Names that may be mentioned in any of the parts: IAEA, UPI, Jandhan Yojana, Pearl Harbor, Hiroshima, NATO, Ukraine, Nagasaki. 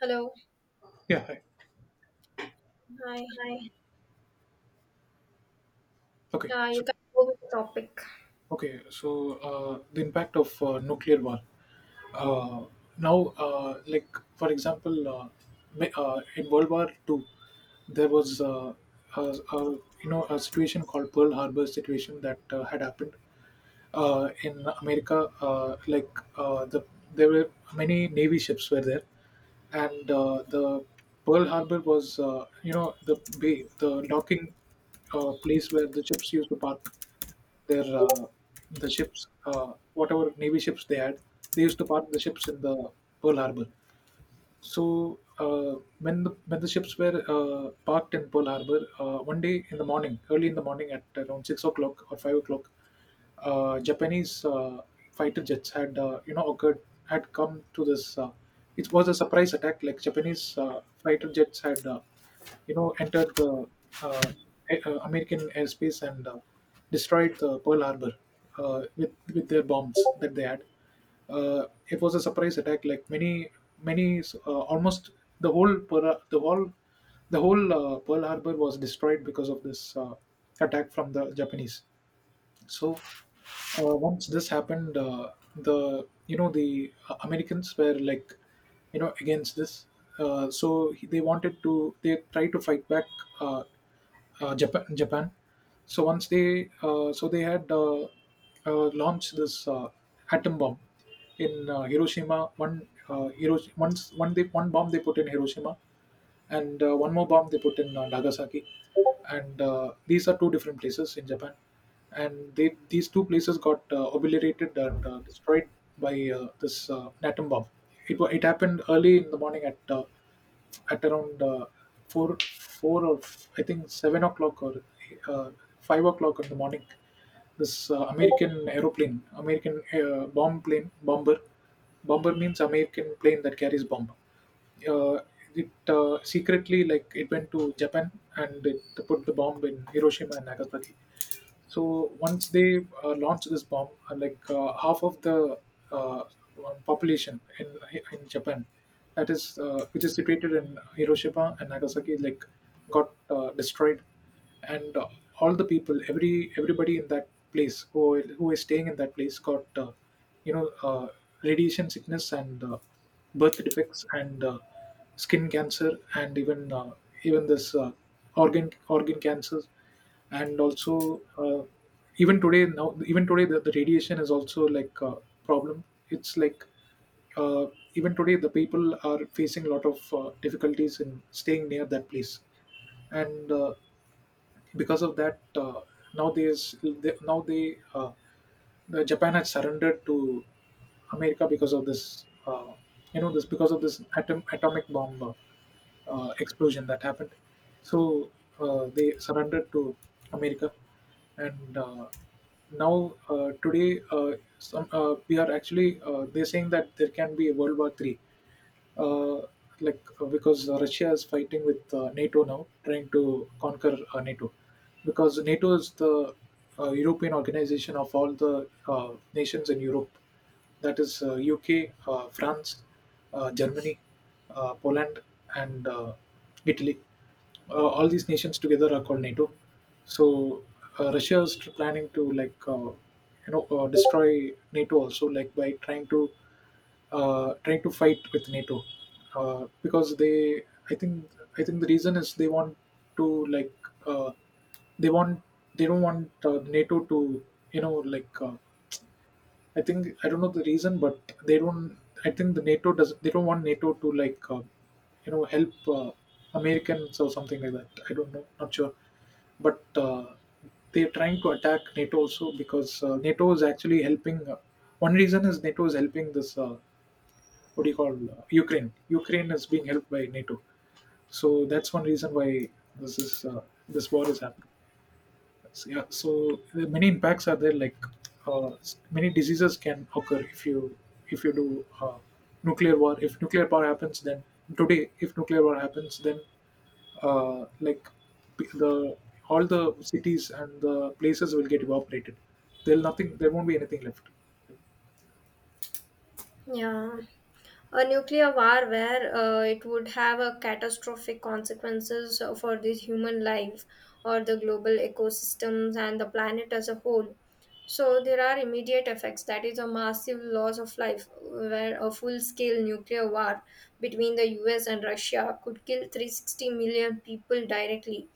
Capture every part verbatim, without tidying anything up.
Hello. Yeah. Hi. Hi. Hi. Okay. Yeah, you So, can go with the topic. okay. So uh, the impact of uh, nuclear war. Uh, Now, uh, like for example, uh, ma- uh, in World War Two, there was uh, a, a you know a situation called Pearl Harbor situation that uh, had happened, uh, in America, uh, like uh, the there were many navy ships were there, and uh, the Pearl Harbor was uh, you know the bay, the docking uh, place where the ships used to park their uh, the ships, uh, whatever navy ships they had, they used to park the ships in the Pearl Harbor. So uh, when the when the ships were uh, parked in Pearl Harbor, uh, one day in the morning, early in the morning at around six o'clock or five o'clock, uh, Japanese uh, fighter jets had uh, you know occurred had come to this. Uh, it was a surprise attack. Like Japanese uh, fighter jets had uh, you know entered the uh, a- uh, American airspace and uh, destroyed the Pearl Harbor uh, with with their bombs that they had. Uh, it was a surprise attack. Like many many uh, almost the whole Pearl, the whole the whole uh, pearl harbor was destroyed because of this uh, attack from the japanese. So uh, once this happened, uh, the you know the uh, Americans were like you know against this, uh, so he- they wanted to they tried to fight back uh, uh, Japan. Japan. So once they uh, so they had uh, uh, launched this uh, atom bomb in uh, Hiroshima. One uh, Hirosh- once one they one bomb they put in Hiroshima and uh, one more bomb they put in uh, Nagasaki. And uh, these are two different places in Japan, and they these two places got uh, obliterated and uh, destroyed by uh, this uh, atom bomb. It wa- it happened early in the morning at uh, at around uh, four four or f- I think seven o'clock or uh, five o'clock in the morning. This uh, American aeroplane, American uh, bomb plane, bomber. Bomber means American plane that carries bomb. Uh, it uh, Secretly, like, it went to Japan and it put the bomb in Hiroshima and Nagasaki. So once they uh, launched this bomb, uh, like uh, half of the uh, um, population in in Japan, that is uh, which is situated in Hiroshima and Nagasaki, like got uh, destroyed, and uh, all the people, every everybody in that place, who who is staying in that place got, uh, you know, uh, radiation sickness and uh, birth defects and uh, skin cancer and even uh, even this uh, organ organ cancers, and also uh, even today now even today the, the radiation is also like a problem. It's like uh, even today the people are facing a lot of uh, difficulties in staying near that place. And uh, because of that, uh, now there's they, now they uh, the Japan had surrendered to America because of this uh, you know this because of this atom, atomic bomb uh, uh, explosion that happened. So uh, they surrendered to America. And uh, now uh, today uh, some uh, we are actually uh, they're saying that there can be a World War Three, uh, like uh, because uh, Russia is fighting with uh, NATO now, trying to conquer uh, NATO, because NATO is the uh, European organization of all the uh, nations in Europe. That is uh, U K, uh, France, uh, Germany, uh, Poland, and uh, Italy. Uh, all these nations together are called NATO. So uh, Russia is tr- planning to, like, uh, you know uh, destroy NATO also, like by trying to uh, trying to fight with NATO. Uh, because they, I think, I think the reason is they want to like uh, they want, they don't want uh, NATO to you know like uh, I think I don't know the reason, but they don't. I think The NATO does, they don't want NATO to like uh, you know help uh, Americans or something like that. I don't know, not sure. But uh, they're trying to attack NATO also because uh, NATO is actually helping. Uh, one reason is NATO is helping this. Uh, what do you call, uh, Ukraine. Ukraine is being helped by NATO, so that's one reason why this is uh, this war is happening. So, yeah, so the many impacts are there. Like uh, s- many diseases can occur if you if you do uh, nuclear war. If nuclear power happens, then today if nuclear war happens, then uh, like p- the all the cities and the places will get evaporated. There'll nothing. There won't be anything left. Yeah. A nuclear war where uh, it would have a catastrophic consequences for the human life or the global ecosystems and the planet as a whole. So there are immediate effects. That is a massive loss of life, where a full-scale nuclear war between the U S and Russia could kill three hundred sixty million people directly,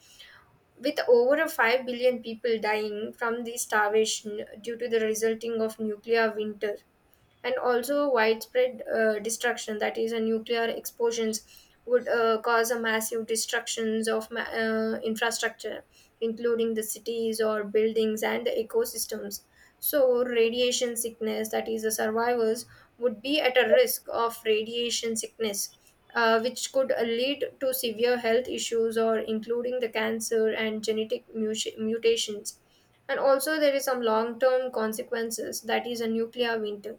with over five billion people dying from the starvation due to the resulting of nuclear winter, and also widespread uh, destruction. That is a nuclear explosions would uh, cause a massive destructions of ma- uh, infrastructure, including the cities or buildings and the ecosystems. So radiation sickness, that is the survivors would be at a risk of radiation sickness, uh, which could uh, lead to severe health issues or including the cancer and genetic muti- mutations. And also there is some long term consequences, that is a nuclear winter,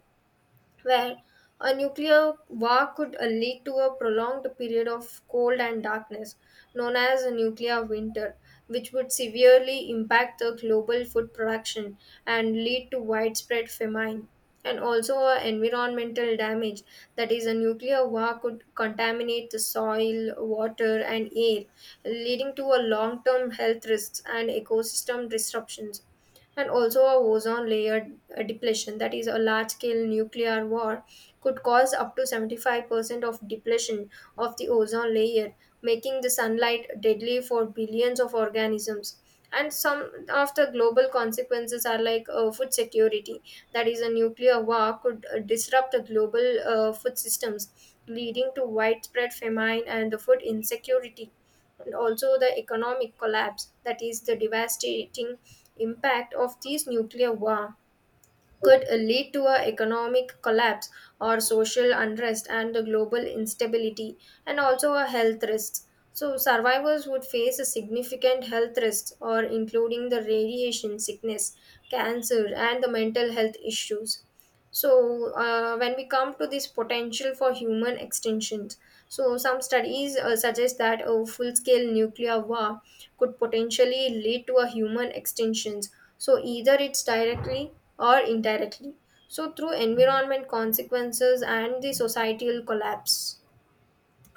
where a nuclear war could uh, lead to a prolonged period of cold and darkness, known as a nuclear winter, which would severely impact the global food production and lead to widespread famine. And also, uh, environmental damage, that is, a nuclear war could contaminate the soil, water, and air, leading to a long term health risks and ecosystem disruptions. And also a ozone layer uh, depletion, that is a large scale nuclear war could cause up to seventy-five percent of depletion of the ozone layer, making the sunlight deadly for billions of organisms. And some of the global consequences are like uh, food security, that is a nuclear war could uh, disrupt the global uh, food systems, leading to widespread famine and the food insecurity. And also the economic collapse, that is the devastating impact of these nuclear war could uh, lead to a economic collapse or social unrest and the global instability. And also a health risks, so survivors would face a significant health risks or including the radiation sickness, cancer, and the mental health issues. So, uh, when we come to this potential for human extinctions, so some studies uh, suggest that a full scale nuclear war could potentially lead to a human extinctions. So, either it's directly or indirectly. So, through environment consequences and the societal collapse.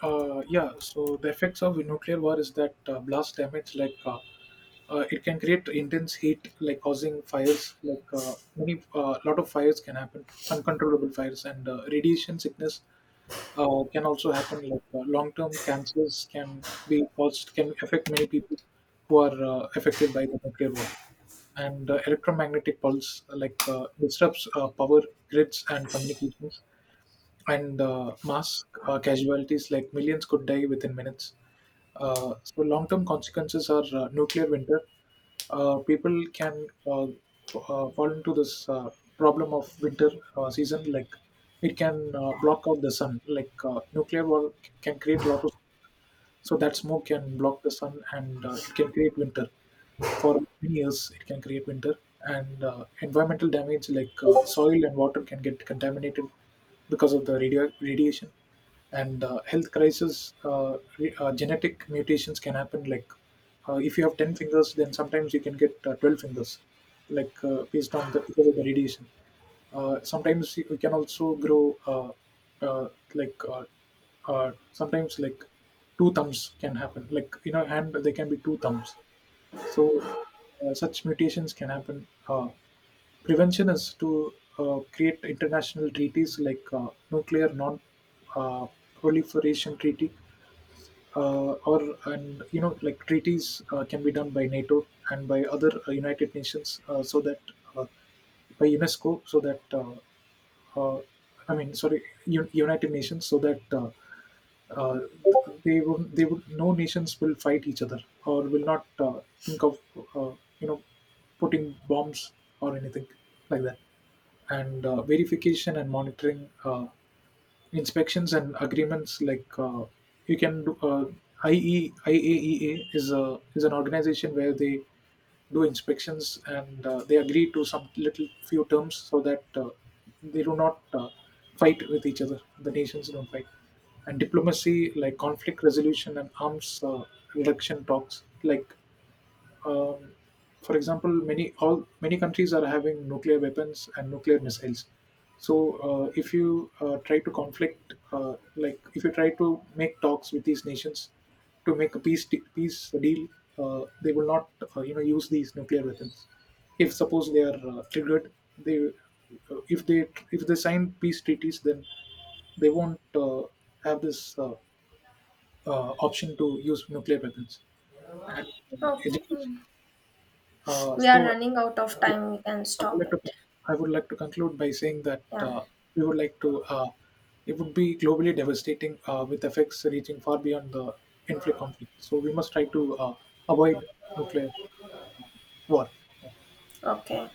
Uh, yeah, so the effects of a nuclear war is that uh, blast damage, like uh, uh, it can create intense heat, like causing fires, like uh, many uh, lot of fires can happen, uncontrollable fires, and uh, radiation sickness uh, can also happen. Like uh, long-term cancers can be caused, can affect many people who are uh, affected by the nuclear war. And uh, electromagnetic pulse, like uh, disrupts uh, power grids and communications, and uh, mass uh, casualties like millions could die within minutes. Uh, so long-term consequences are uh, nuclear winter. Uh, people can uh, f- uh, fall into this uh, problem of winter uh, season. Like it can uh, block out the sun. Like uh, nuclear war c- can create a lot of, so that smoke can block the sun, and uh, it can create winter. For many years, it can create winter. And uh, environmental damage, like uh, soil and water can get contaminated because of the radio- radiation. And uh, health crisis, uh, re- uh, genetic mutations can happen. Like uh, if you have ten fingers, then sometimes you can get uh, twelve fingers, like uh, based on the, because of the radiation, uh, sometimes you you can also grow uh, uh, like uh, uh, sometimes like two thumbs can happen, like in a hand there can be two thumbs. So uh, such mutations can happen. Uh, prevention is to uh, create international treaties like uh, nuclear non uh, proliferation treaty uh, or and you know like treaties uh, can be done by NATO and by other uh, United Nations, uh, so that uh, by UNESCO, so that uh, uh, I mean, sorry, U- United Nations, so that uh, uh, they would, they would, no nations will fight each other or will not uh, think of uh, you know putting bombs or anything like that. And uh, verification and monitoring. Uh, inspections and agreements, like uh, you can do uh, I E, I A E A is a, is an organization where they do inspections and uh, they agree to some little few terms so that uh, they do not uh, fight with each other. The nations don't fight. And diplomacy, like conflict resolution and arms uh, reduction talks, like um, for example, many all many countries are having nuclear weapons and nuclear missiles. So uh, if you uh, try to conflict, uh, like if you try to make talks with these nations to make a peace de- peace deal, uh, they will not uh, you know use these nuclear weapons. If suppose they are uh, triggered, they uh, if they if they sign peace treaties, then they won't uh, have this uh, uh, option to use nuclear weapons, and uh, Okay, education. Uh, we are So, running out of yeah, time. We can so I would stop like it. to I would like to conclude by saying that Yeah, uh, we would like to uh, it would be globally devastating uh, with effects reaching far beyond the conflict conflict. So we must try to uh, avoid nuclear war. okay.